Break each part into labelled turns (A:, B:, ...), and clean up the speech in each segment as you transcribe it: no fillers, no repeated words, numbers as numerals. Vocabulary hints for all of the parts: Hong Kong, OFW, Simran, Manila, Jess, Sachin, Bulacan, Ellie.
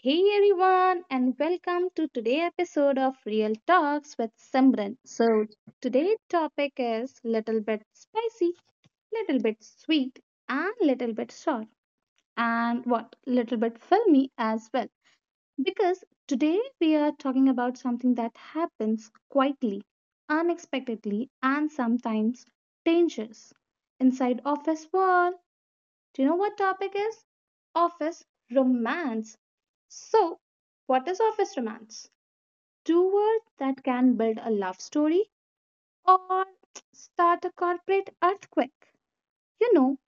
A: Hey everyone, and welcome to today's episode of Real Talks with Simran. So today's topic is little bit spicy, little bit sweet, and little bit sour, and what little bit filmy as well. Because today we are talking about something that happens quietly, unexpectedly, and sometimes dangerous inside office walls. Do you know what topic is? Office romance. So, what is office romance? Two words that can build a love story or start a corporate earthquake. You know,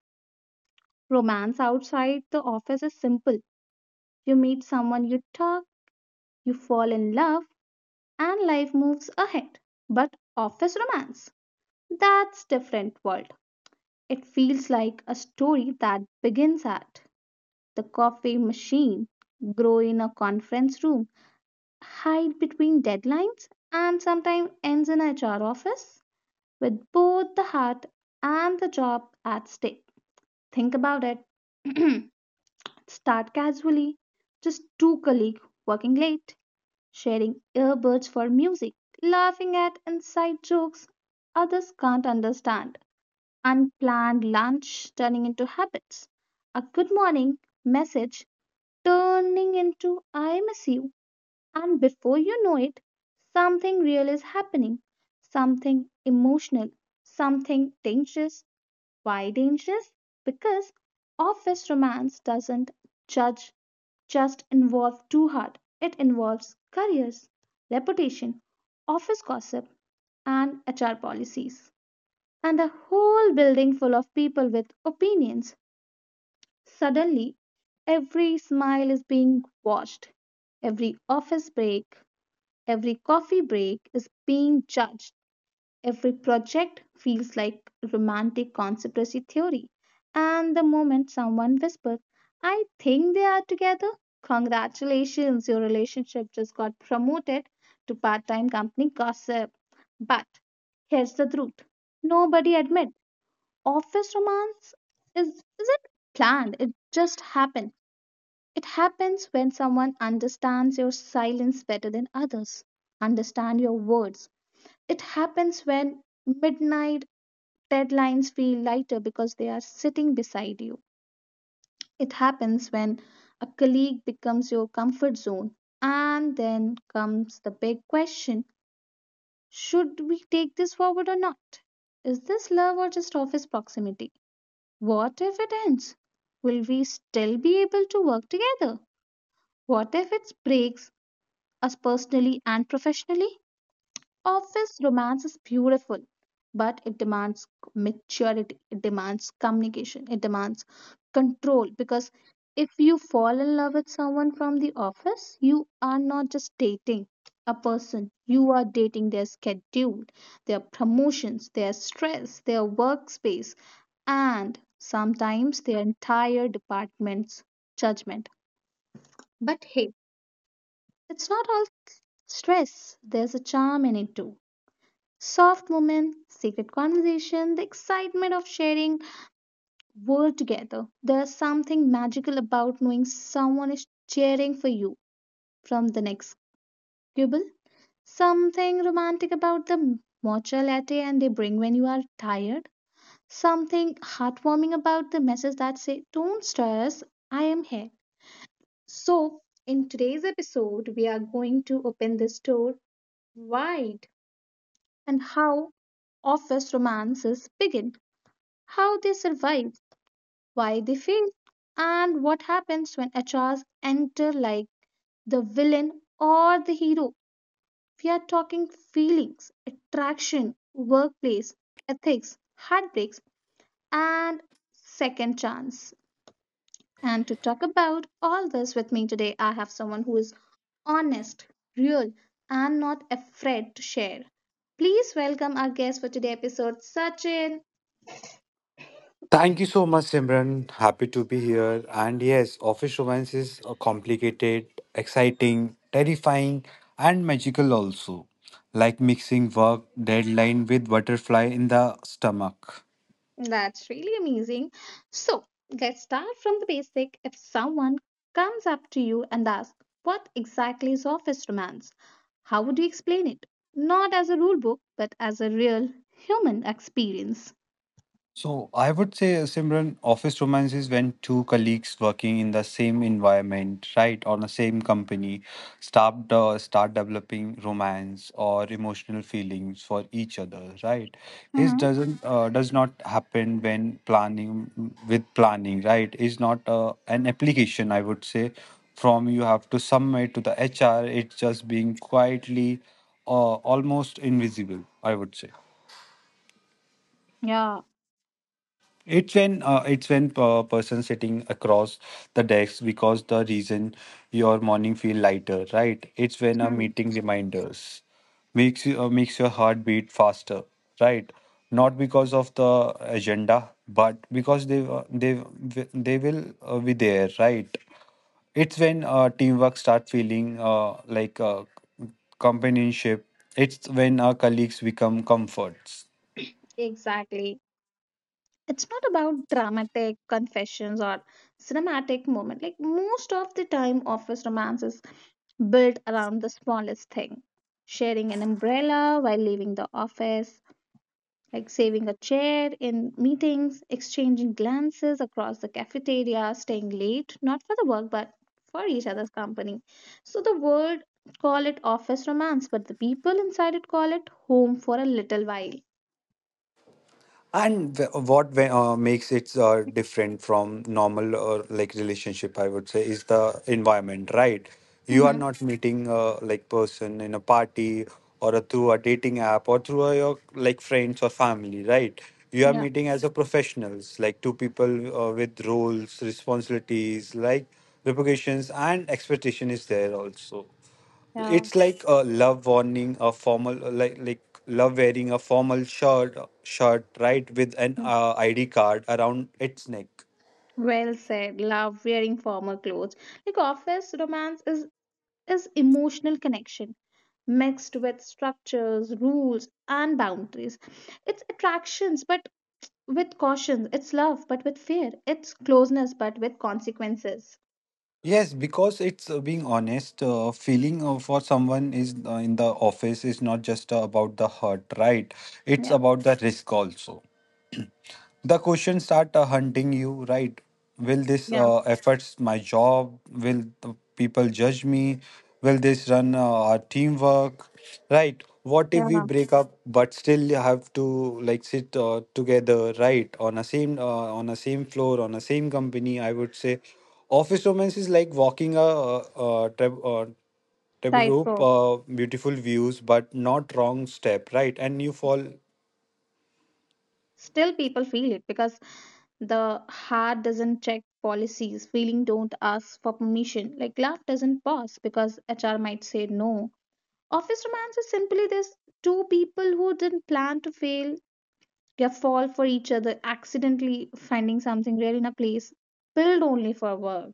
A: romance outside the office is simple. You meet someone, you talk, you fall in love, and life moves ahead. But office romance, that's different world. It feels like a story that begins at the coffee machine, grow in a conference room, hide between deadlines, and sometimes ends in a HR office with both the heart and the job at stake. Think about it. Start casually, just two colleagues working late, sharing earbuds for music, laughing at inside jokes others can't understand, unplanned lunch turning into habits, a good morning message turning into I miss you. And before you know it, something real is happening, something emotional, something dangerous. Why dangerous? Because office romance doesn't judge, just involve too hard. It involves careers, reputation, office gossip, and HR policies, and a whole building full of people with opinions. Suddenly, every smile is being watched, every office break, every coffee break is being judged, every project feels like romantic conspiracy theory. And the moment someone whispers, I think they are together, congratulations, your relationship just got promoted to part time company gossip. But here's the truth nobody admit office romance is, isn't planned, it just happened it happens when someone understands your silence better than others, understand your words. It happens when midnight deadlines feel lighter because they are sitting beside you. It happens when a colleague becomes your comfort zone. And then comes the big question should we take this forward or not? Is this love or just office proximity? What if it ends? Will we still be able to work together? What if it breaks us personally and professionally. Office romance is beautiful, but it demands maturity, it demands communication, it demands control because if you fall in love with someone from the office, you are not just dating a person, you are dating their schedule, their promotions, their stress, their workspace, and sometimes their entire department's judgment. But hey, it's not all stress, there's a charm in it too. Soft movement, secret conversation, the excitement of sharing world together. There's something magical about knowing someone is cheering for you from the next cubicle. Something romantic about the matcha latte and they bring when you are tired. Something heartwarming about the message that say, "Don't stress, I am here." So, in today's episode, we are going to open this door wide and how office romances begin, how they survive, why they fail, and what happens when HRs enter like the villain or the hero. We are talking feelings, attraction, workplace, ethics, heartbreaks, and second chance. And to talk about all this with me today, I have someone who is honest, real, and not afraid to share. Please welcome our guest for today's episode, Sachin.
B: Thank you so much, Simran. Happy to be here. And yes, office romance is complicated, exciting, terrifying, and magical also. Like mixing work deadline with butterfly in the stomach.
A: That's really amazing. So, let's start from the basic. If someone comes up to you and asks, What exactly is office romance? How would you explain it? Not as a rule book, but as a real human experience.
B: So I would say, Simran, office romance is when two colleagues working in the same environment, right, on the same company, start developing romance or emotional feelings for each other, right? This
A: hmm
B: does not happen when planning with planning, right? Is not an application, I would say. From you have to submit to the HR, it's just being quietly, almost invisible, I would say.
A: Yeah.
B: It's when person sitting across the desk because the reason your morning feel lighter, right? It's when a
A: Hmm,
B: meeting reminders makes your heart beat faster, right? Not because of the agenda, but because they will be there, right? It's when teamwork start feeling like companionship. It's when our colleagues become comforts.
A: Exactly. It's not about dramatic confessions or cinematic moment. Like most of the time, office romance is built around the smallest thing. Sharing an umbrella while leaving the office, like saving a chair in meetings, exchanging glances across the cafeteria, staying late, not for the work, but for each other's company. So the world call it office romance, but the people inside it call it home for a little while.
B: And what makes it different from normal or like relationship, I would say, is the environment, right? You are
A: Mm-hmm.
B: not meeting like person in a party or through a dating app or through your like friends or family, right? You are
A: Yeah.
B: meeting as a professionals, like two people with roles, responsibilities, like reputations and expectation is there also.
A: Yeah.
B: It's like a love warning, a formal like love wearing a formal shirt, right, with an
A: yeah.
B: ID card around its neck.
A: Well said. Love wearing formal clothes. Like office romance is emotional connection mixed with structures, rules, and boundaries. It's attractions, but With caution, it's love, but with fear. It's closeness, but with consequences.
B: Yes, because it's being honest, feeling for someone is in the office is not just about the hurt, right? It's
A: Yeah,
B: about the risk also. The questions start hunting you, right? Will this
A: yeah,
B: affects my job? Will the people judge me? Will this run our teamwork, right? What if we
A: yeah.
B: break up but still have to like sit together, right? On a same floor, on a same company. I would say office romance is like walking a treb rope,
A: Tightrope.
B: beautiful views, but not wrong step, right, and you fall.
A: Still, people feel it because the heart doesn't check policies. Feeling don't ask for permission. Like love doesn't pause because HR might say no. Office romance is simply this two people who didn't plan to fail, they fall for each other, accidentally finding something real in a place built only for work.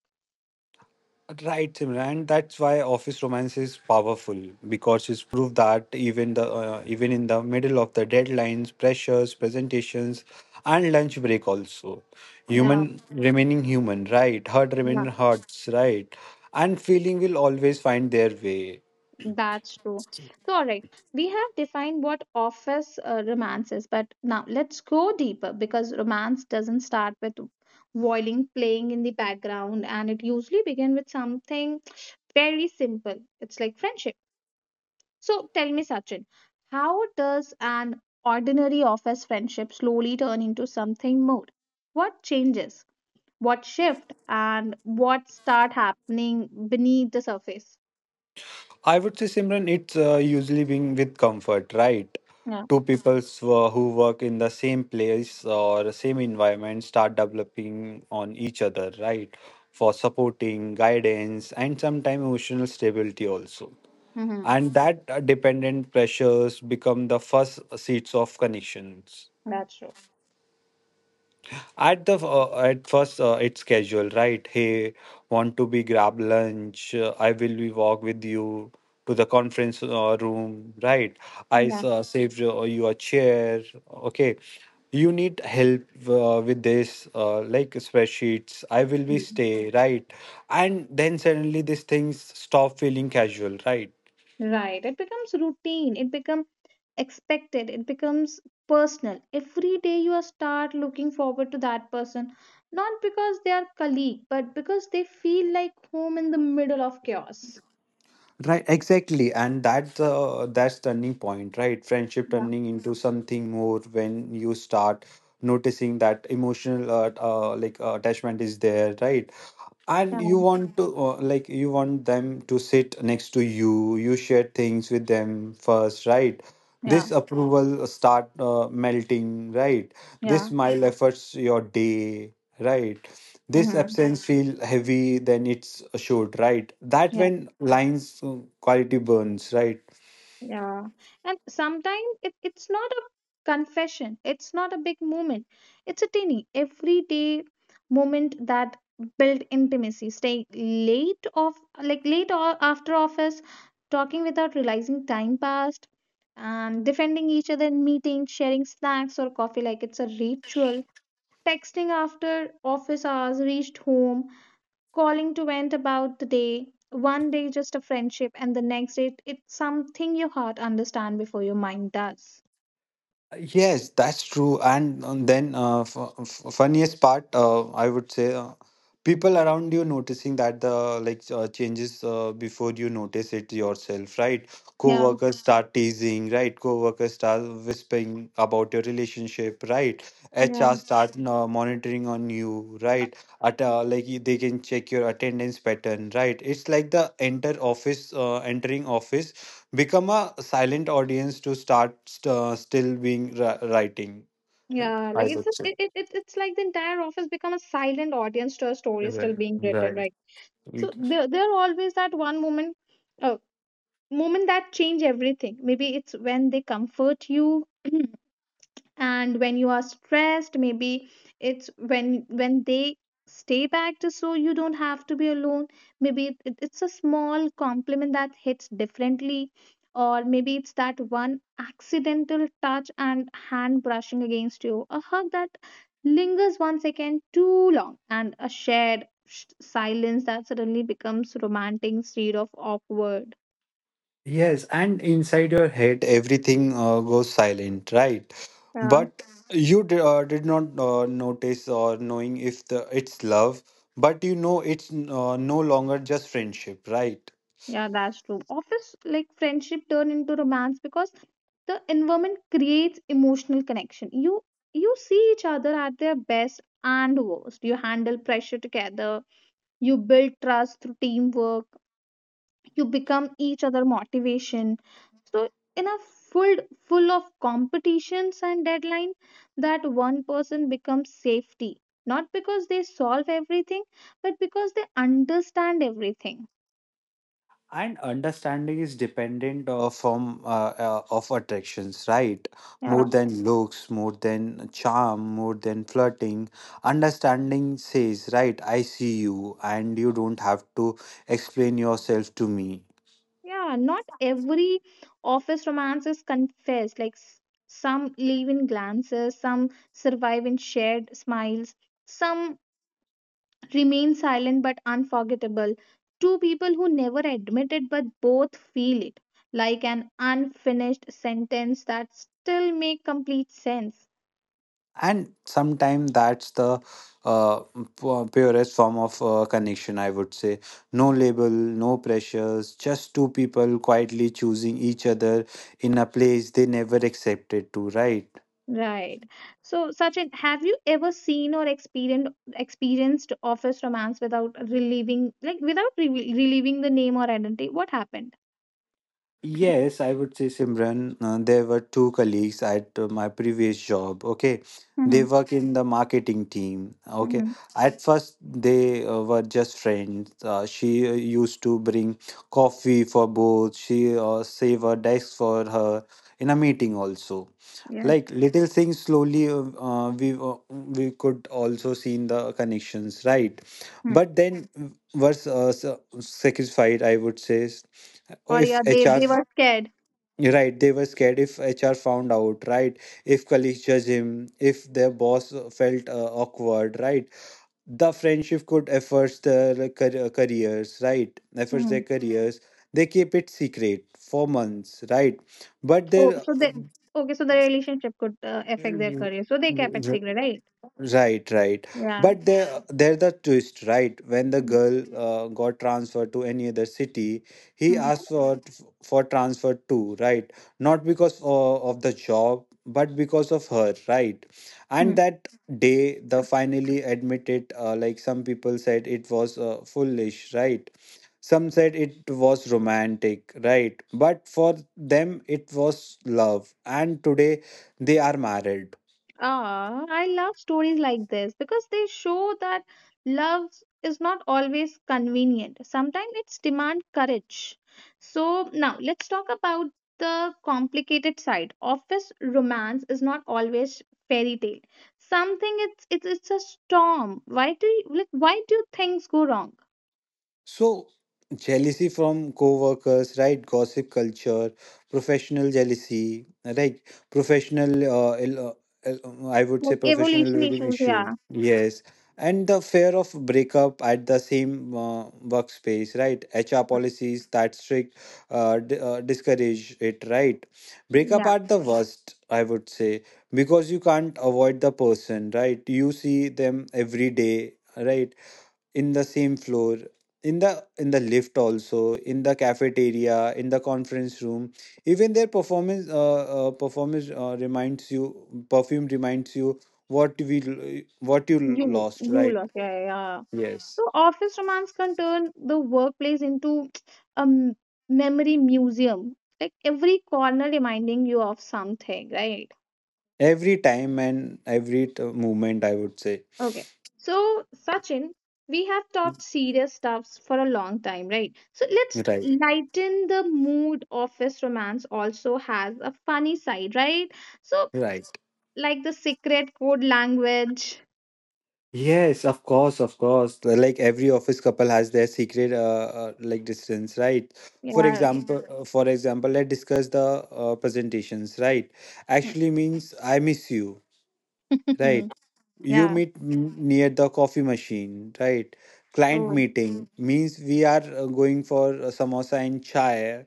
B: Right, Simran. That's why office romance is powerful because it's proof that even in the middle of the deadlines, pressures, presentations, and lunch break also,
A: Yeah,
B: human remaining human, right? Hurt remain
A: yeah.
B: hurts, right? And feeling will always find their way.
A: That's true. So, all right, we have defined what office romance is, but now let's go deeper because romance doesn't start with violin playing in the background, and it usually begins with something very simple. It's like friendship. So, tell me, Sachin, how does an ordinary office friendship slowly turn into something more? What changes? What shift? And what start happening beneath the surface?
B: I would say, Simran, it's usually being with comfort, right?
A: Yeah.
B: Two people who work in the same place or same environment start developing on each other, right? For supporting, guidance, and sometimes emotional stability also.
A: hmm
B: And that dependent pressures become the first seeds of connections.
A: That's true.
B: At first, it's casual, right? Hey, want to be grab lunch? I will be walk with you to the conference room, right? I saved you a chair. Okay, you need help with this, like spreadsheets. I will be
A: Mhm.
B: stay, right? And then suddenly these things stop feeling casual, right?
A: Right. It becomes routine. It becomes expected. It becomes personal. Every day you are start looking forward to that person, not because they are colleague, but because they feel like home in the middle of chaos.
B: Right, exactly, and that's turning point, right? Friendship
A: Yeah,
B: turning into something more when you start noticing that emotional attachment is there, right? And
A: yeah,
B: you want them to sit next to you. You share things with them first, right?
A: yeah,
B: This approval start melting, right? This
A: yeah.
B: mile efforts your day, right? This
A: Mm-hmm.
B: absence feel heavy, then it's assured, right, that when lines quality burns, right.
A: Yeah, and sometimes it's not a confession, it's not a big moment, it's a tiny everyday moment that built intimacy. Staying late off, like late or after office, talking without realizing time passed, and defending each other in meetings, sharing snacks or coffee like it's a ritual. Texting after office hours, reached home, calling to vent about the day. One day just a friendship, and the next day it's something your heart understand before your mind does.
B: Yes, that's true. And then, funniest part, I would say, people around you noticing that the like changes before you notice it yourself, right?
A: Yeah,
B: Co-workers start teasing, right? Co-workers start whispering about your relationship, right?
A: yeah,
B: HR start monitoring on you, right? They can check your attendance pattern, right? It's like the entering office become a silent audience to start still being writing,
A: yeah.
B: I
A: Like it's
B: would
A: just-
B: say.
A: it's like the entire office become a silent audience to a story still
B: Right.
A: being written,
B: Right.
A: right? So
B: It-
A: there are always that one moment, uh, moment that change everything. Maybe it's when they comfort you, and when you are stressed maybe it's when they stay back just so you don't have to be alone maybe it's a small compliment that hits differently or maybe it's that one accidental touch and hand brushing against you a hug that lingers one second too long and a shared silence that suddenly becomes romantic instead of awkward
B: yes. And inside your head everything goes silent, right,
A: yeah
B: but you did not notice or knowing if the it's love, but you know it's no longer just friendship, right.
A: Yeah, that's true. Office like friendship turn into romance because the environment creates emotional connection. You see each other at their best and worst. You handle pressure together. You build trust through teamwork. You become each other motivation. So in a full full of competitions and deadline, that one person becomes safety. Not because they solve everything, but because they understand everything.
B: And understanding is dependent of from of attractions, right, more
A: Yeah.
B: than looks, more than charm, more than flirting. Understanding says, right, I see you and you don't have to explain yourself to me.
A: Yeah, not every office romance is confessed. Like some leave in glances, some survive in shared smiles, some remain silent but unforgettable. Two people who never admit it but both feel it, like an unfinished sentence that still make complete sense.
B: And sometimes that's the uh, purest form of connection, I would say. No label, no pressures, just two people quietly choosing each other in a place they never accepted to, right.
A: Right. So, Sachin, have you ever seen or experienced office romance without relieving, like without re relieving the name or identity? What happened?
B: Yes, I would say, Simran, there were two colleagues at my previous job. Okay, they
A: Mhm,
B: work in the marketing team. Okay,
A: mhm.
B: at first they were just friends. She used to bring coffee for both. She save a desk for her in a meeting also.
A: Yes.
B: Like little things, slowly, we could also see in the connections, right?
A: Mm.
B: But then was sacrificed, I would say,
A: Or
B: if
A: yeah, they
B: HR.
A: they were scared.
B: Right, they were scared if HR found out, right? If colleagues judge him, if their boss felt awkward, right? The friendship could affect their careers, right? Affects their
A: Mhm.
B: careers. They keep it secret for months, right? But
A: Oh,
B: their
A: so they okay. So the relationship could affect their career. So they kept it
B: uh,
A: secret, right?
B: Right, right.
A: Yeah.
B: But there's the twist, right? When the girl got transferred to any other city, he
A: Mm-hmm.
B: asked for transfer too, right? Not because of the job, but because of her, right? And that day, the finally admitted, like some people said, it was foolish, right? Some said it was romantic, right? But for them, it was love. And today, they are married.
A: Ah, I love stories like this because they show that love is not always convenient. Sometimes it's demand courage. So now let's talk about the complicated side. Office romance is not always fairy tale. Something it's a storm. Why do you, like why do things go wrong?
B: So, jealousy from co-workers, right? Gossip culture, professional jealousy, right? Professional, I would say
A: Like
B: professional
A: evolution
B: related
A: issues,
B: issue.
A: yeah.
B: Yes. And the fear of breakup at the same workspace, right? HR
A: Hmm,
B: policies that strict discourage it, right? Breakup
A: Yeah,
B: are the worst, I would say, because you can't avoid the person, right? You see them every day, right? In the same floor, in the lift also, in the cafeteria, in the conference room, even their performance reminds you, perfume reminds you what you
A: you
B: lost,
A: you
B: right.
A: lost. Yeah, yeah. yeah.
B: Yes,
A: So office romance can turn the workplace into a memory museum, like every corner reminding you of something, right?
B: every time and every moment, I would say,
A: Okay. So Sachin, we have talked serious stuffs for a long time, right? So let's
B: right,
A: lighten the mood. Office romance also has a funny side, right? So
B: right.
A: like the secret code language.
B: Yes, of course, of course. Well, like every office couple has their secret, like distance, right? For
A: Yeah.
B: example, uh, for example, let's discuss the presentations, right? Actually means I miss you, right? You
A: yeah.
B: meet near the coffee machine, right? Client
A: Oh.
B: meeting means we are going for samosa and chai,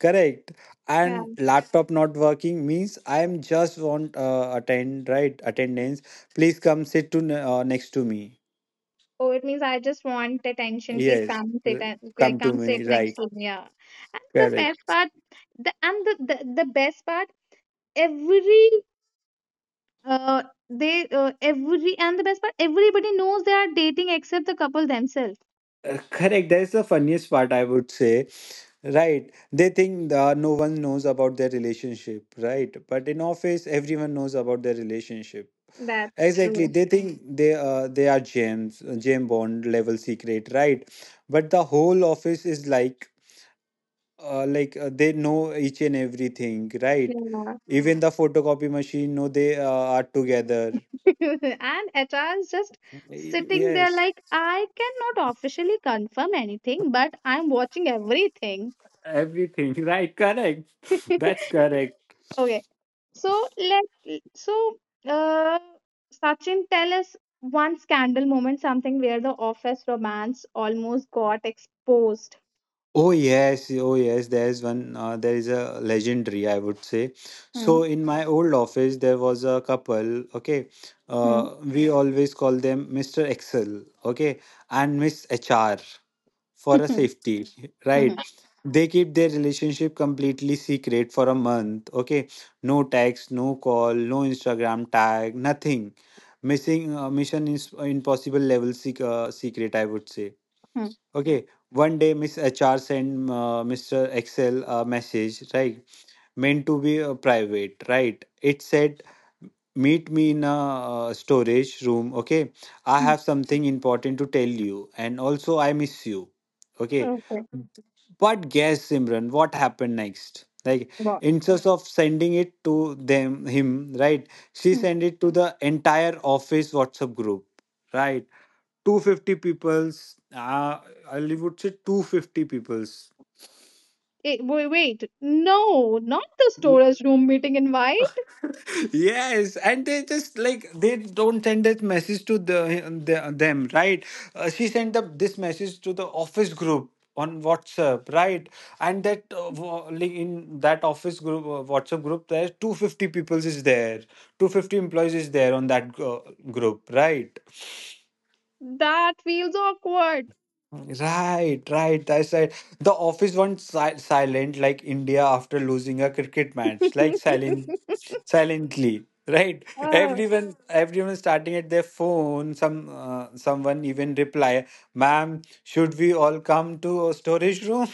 B: correct? And
A: Yeah.
B: laptop not working means I am just want attend, right? Attendance. Please come sit next to me.
A: Oh, it means I just want attention. Please
B: Yes,
A: come
B: uh,
A: sit and
B: come
A: like
B: to
A: come sit
B: me.
A: next
B: Right,
A: to me. Yeah. And the
B: correct.
A: best part, the and the the best part, every uh they every and the best part, everybody knows they are dating except the couple themselves.
B: Correct. That's the funniest part, I would say. Right. They think no one knows about their relationship, right? But in office, everyone knows about their relationship.
A: That's
B: Exactly.
A: true.
B: They think they are James Bond level secret, right? But the whole office is like they know each and everything, right?
A: Yeah.
B: Even the photocopy machine know they are together.
A: And HR is just
B: Y-
A: sitting there
B: Yes.
A: like I cannot officially confirm anything, but I'm watching everything.
B: Everything, right? Correct. That's correct.
A: Okay. So let so uh Sachin tell us one scandal moment, something where the office romance almost got exposed.
B: Oh yes, oh yes. There's one. There is a legendary, I would say. So
A: Hmm.
B: in my old office, there was a couple. Okay,
A: Hmm.
B: we always call them Mr. Excel. Okay, and Miss HR, for a safety,
A: Hmm. Hmm.
B: right? They keep their relationship completely secret for a month. Okay, no text, no call, no Instagram tag, nothing. Missing mission is impossible level secret, I would say.
A: Hmm.
B: Okay, one day Miss HR sent Mr. Excel a message, right? Meant to be private, right? It said, meet me in a storage room. Okay, I
A: Hmm.
B: have something important to tell you, and also I miss you. Okay.
A: Okay.
B: But guess, Simran, what happened next? Like,
A: What?
B: instead of sending it to them him, right, she
A: Mm.
B: sent it to the entire office WhatsApp group, right, 250 peoples, I would say, 250 peoples.
A: Eh, wait, wait. No, not the storage room meeting invite.
B: Yes. And they just, like, they don't send that message to the them, right. She sent this message to the office group on WhatsApp, right. And that, in that office group, WhatsApp group, there's 250 people is there, 250 employees is there on that group, right.
A: That feels awkward.
B: Right, right. I said the office went silent, like India after losing a cricket match, like silent, silently. Right.
A: Uh,
B: Everyone starting at their phone. Someone even reply, "Ma'am, should we all come to a storage room?"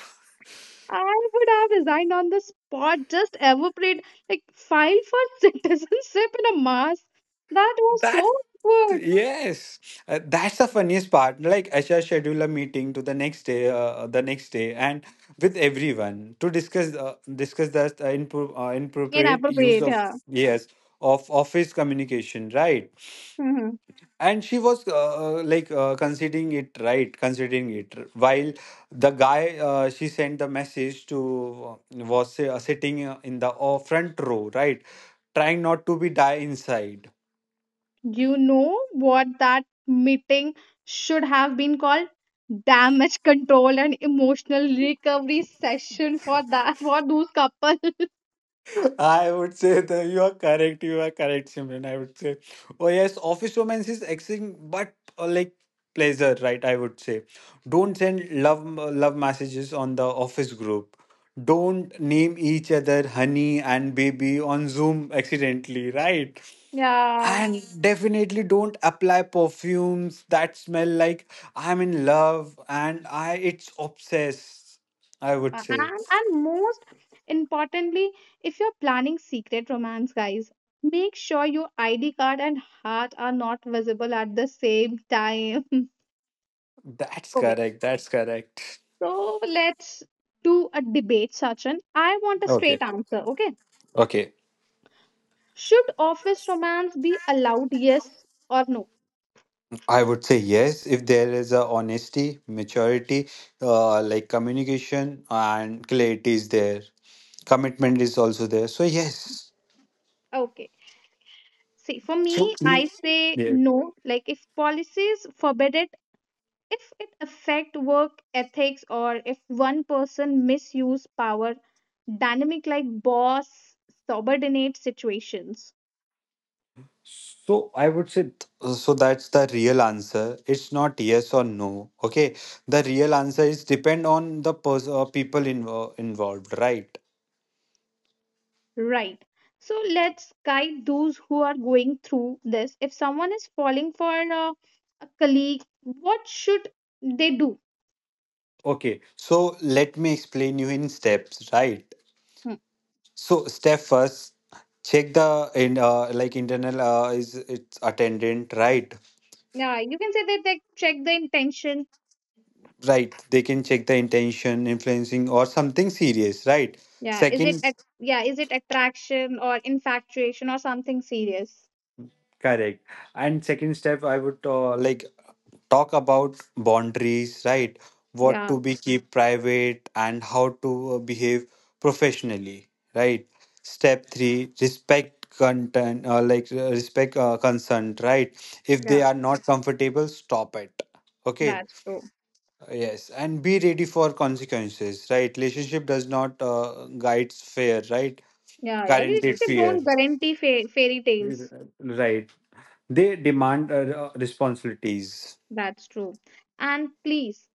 A: I would have resigned on the spot, just evaporate, like file for citizenship in a mass. That was so
B: That
A: awkward.
B: yes, that's the funniest part. Like HR schedule a meeting to the next day, and with everyone to discuss the inappropriate use
A: Inappropriate,
B: of,
A: yeah.
B: yes, of office communication, right?
A: hmm
B: And she was considering it, right, considering it while the guy, she sent the message to, was sitting in the front row, right, trying not to be die inside.
A: You know what that meeting should have been called? Damage control and emotional recovery session for those couple.
B: I would say that you are correct. You are correct, Simran. I would say, oh yes, office romance is exciting, but like pleasure, right? I would say, don't send love messages on the office group. Don't name each other honey and baby on Zoom accidentally, right?
A: Yeah.
B: And definitely don't apply perfumes that smell like I'm in love and I it's obsessed. I would
A: Uh,
B: say
A: And, and most importantly, if you're planning secret romance, guys, make sure your ID card and heart are not visible at the same time.
B: that's
A: Okay.
B: correct. That's correct.
A: So let's do a debate, Sachin. I want a
B: Okay.
A: straight answer, okay?
B: Okay,
A: Should office romance be allowed, yes or no?
B: I would say yes if there is a honesty, maturity, like communication and clarity is there. Commitment is also there. So yes.
A: Okay. See, for
B: So
A: me, I say
B: yeah.
A: no. Like, if policies forbid it, if it affect work ethics or if one person misuse power dynamic, like boss subordinate situations.
B: So I would say, so that's the real answer. It's not yes or no. Okay, the real answer is depend on the people involved, right?
A: Right, so let's guide those who are going through this. If someone is falling for a, a colleague, what should they do?
B: Okay, so let me explain you in steps, right?
A: Hmm.
B: So step first, check the in like internal, is its attendant, right?
A: Yeah, you can say that they check the intention.
B: Right. They can check the intention, influencing, or something serious, right?
A: Yeah, is it
B: Second,
A: at, yeah, is it attraction or infatuation or something serious?
B: correct. And second step, I would like talk about boundaries, right? What
A: Yeah,
B: to be keep private and how to behave professionally, right? Step three, respect content, like respect consent, right? If
A: yeah,
B: they are not comfortable, stop it. Okay.
A: that's true.
B: Yes, and be ready for consequences, right? Relationship does not guides fear, right?
A: Yeah, yeah,
B: Guaranteed
A: relationship
B: fear,
A: don't guarantee fairy tales.
B: right? They demand responsibilities.
A: That's true. And please,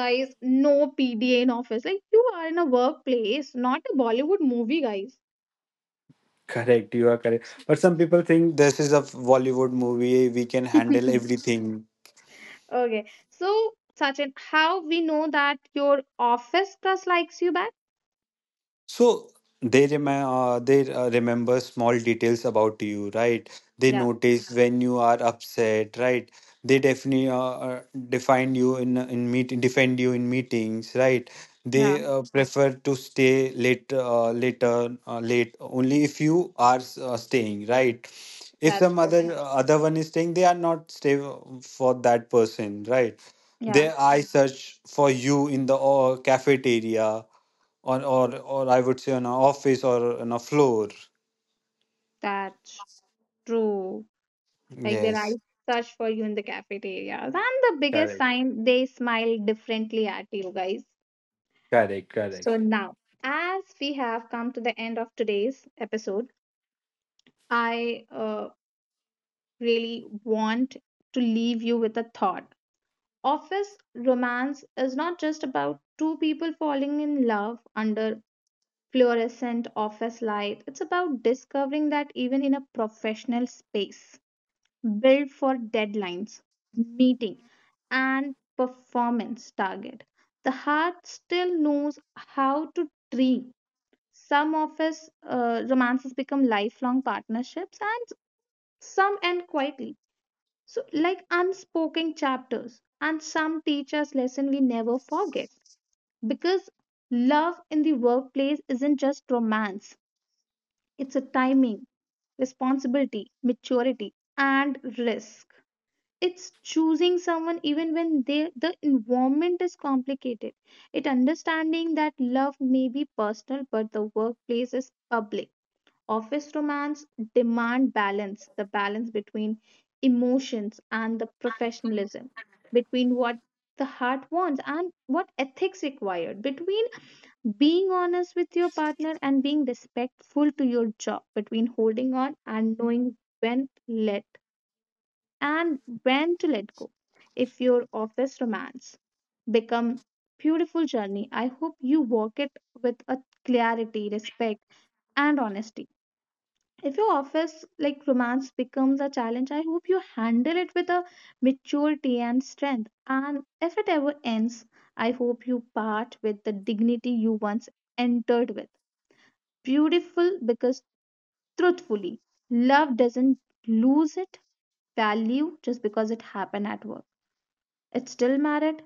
A: guys, no PDA in office. Like you are in a workplace, not a Bollywood movie, guys.
B: Correct. You are correct, but some people think this is a Bollywood movie, we can handle everything.
A: Okay. So, Sachin, how we know that your office plus likes you back?
B: So they remember small details about you, right? They
A: Yeah,
B: notice when you are upset, right? They definitely define you in meet defend you in meetings, right?
A: yeah,
B: They prefer to stay late only if you are staying, right? If
A: that's
B: some
A: true.
B: other one is staying, they are not stay for that person, right?
A: Yeah,
B: Their eye search for you in the cafeteria, or I would say on a office or on a floor.
A: that's true. Like their
B: Yes.
A: eyes search for you in the cafeteria. And the biggest
B: Correct,
A: sign, they smile differently at you, guys.
B: correct,
A: So
B: correct.
A: now, as we have come to the end of today's episode, I really want to leave you with a thought. Office romance is not just about two people falling in love under fluorescent office light. It's about discovering that even in a professional space built for deadlines, meeting, and performance target, the heart still knows how to dream. Some of us romances become lifelong partnerships, and some end quietly, so like unspoken chapters, and some teach us lesson we never forget. Because love in the workplace isn't just romance; it's a timing, responsibility, maturity, and risk. It's choosing someone even when they, the environment is complicated. It understanding that love may be personal, but the workplace is public. Office romance demand balance, the balance between emotions and the professionalism, between what the heart wants and what ethics required, between being honest with your partner and being respectful to your job, between holding on and knowing when to let and when to let go. If your office romance become beautiful journey, I hope you walk it with a clarity, respect, and honesty. If your office like romance becomes a challenge, I hope you handle it with a maturity and strength. And if it ever ends, I hope you part with the dignity you once entered with. Beautiful. Because truthfully, love doesn't lose its value just because it happened at work. It still mattered,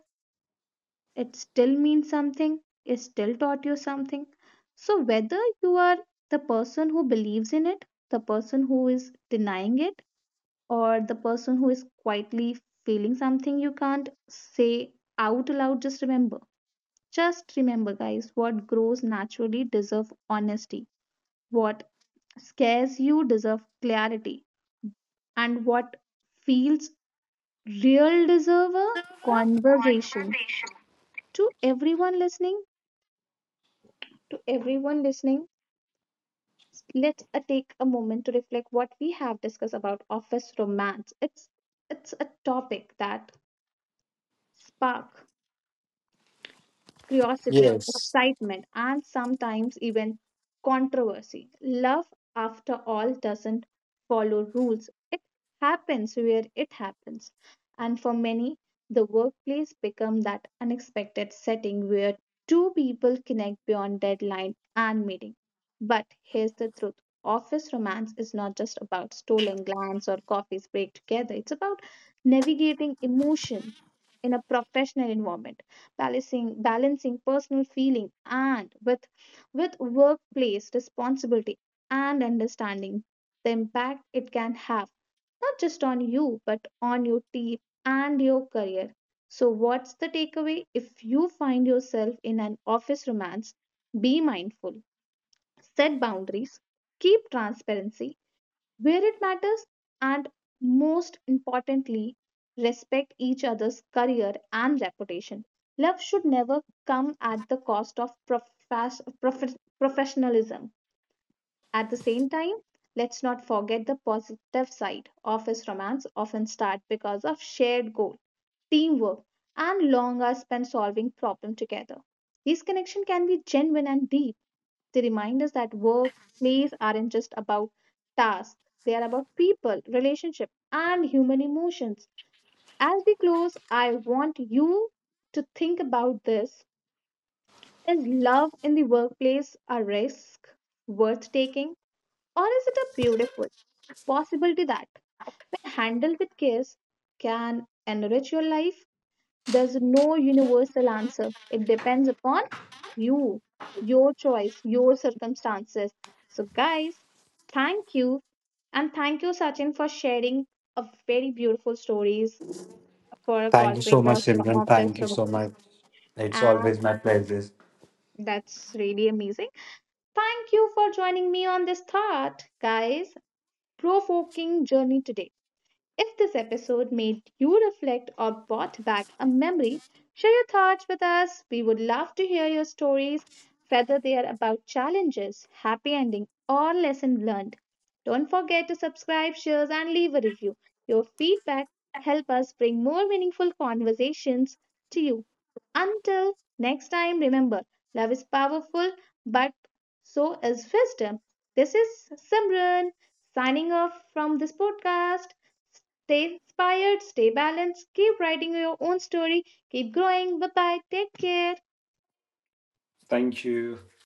A: it still means something, it still taught you something. So whether you are the person who believes in it, the person who is denying it, or the person who is quietly feeling something you can't say out loud, just remember, guys, what grows naturally deserve honesty, what scares you deserve clarity, and what feels real deserve a conversation. To everyone listening, to everyone listening let's take a moment to reflect what we have discussed about office romance. It's a topic that spark curiosity,
B: Yes.
A: excitement, and sometimes even controversy. Love, after all, doesn't follow rules, it happens where it happens. And for many, the workplace becomes that unexpected setting where two people connect beyond deadline and meeting. But here's the truth. Office romance is not just about stolen glance or coffees break together. It's about navigating emotion in a professional environment, balancing personal feeling and with workplace responsibility, and understanding the impact it can have not just on you, but on your team and your career. So what's the takeaway? If you find yourself in an office romance, be mindful, set boundaries, keep transparency where it matters, and most importantly, respect each other's career and reputation. Love should never come at the cost of professionalism. At the same time, let's not forget the positive side. Office romance often start because of shared goal, teamwork, and long hours spent solving problem together. These connections can be genuine and deep. They remind us that work, plays aren't just about tasks, they are about people, relationships, and human emotions. As we close, I want you to think about this. Is love in the workplace a risk worth taking, or is it a beautiful possibility that, when handled with care, can enrich your life? There's no universal answer. It depends upon you, your choice, your circumstances. So, guys, thank you. And thank you, Sachin, for sharing a very beautiful stories for a
B: Thank you
A: corporate
B: so much,
A: or for
B: Simran.
A: office
B: Thank you
A: remote.
B: so much. It's always
A: And
B: my pleasure.
A: that's really amazing. Thank you for joining me on this thought, guys, provoking journey today. If this episode made you reflect or brought back a memory, share your thoughts with us. We would love to hear your stories, whether they are about challenges, happy ending, or lesson learned. Don't forget to subscribe, share, and leave a review. Your feedback help us bring more meaningful conversations to you. Until next time, remember, love is powerful, but so is wisdom. This is Simran signing off from this podcast. Stay inspired, stay balanced, keep writing your own story, keep growing. Bye bye, take care.
B: Thank you.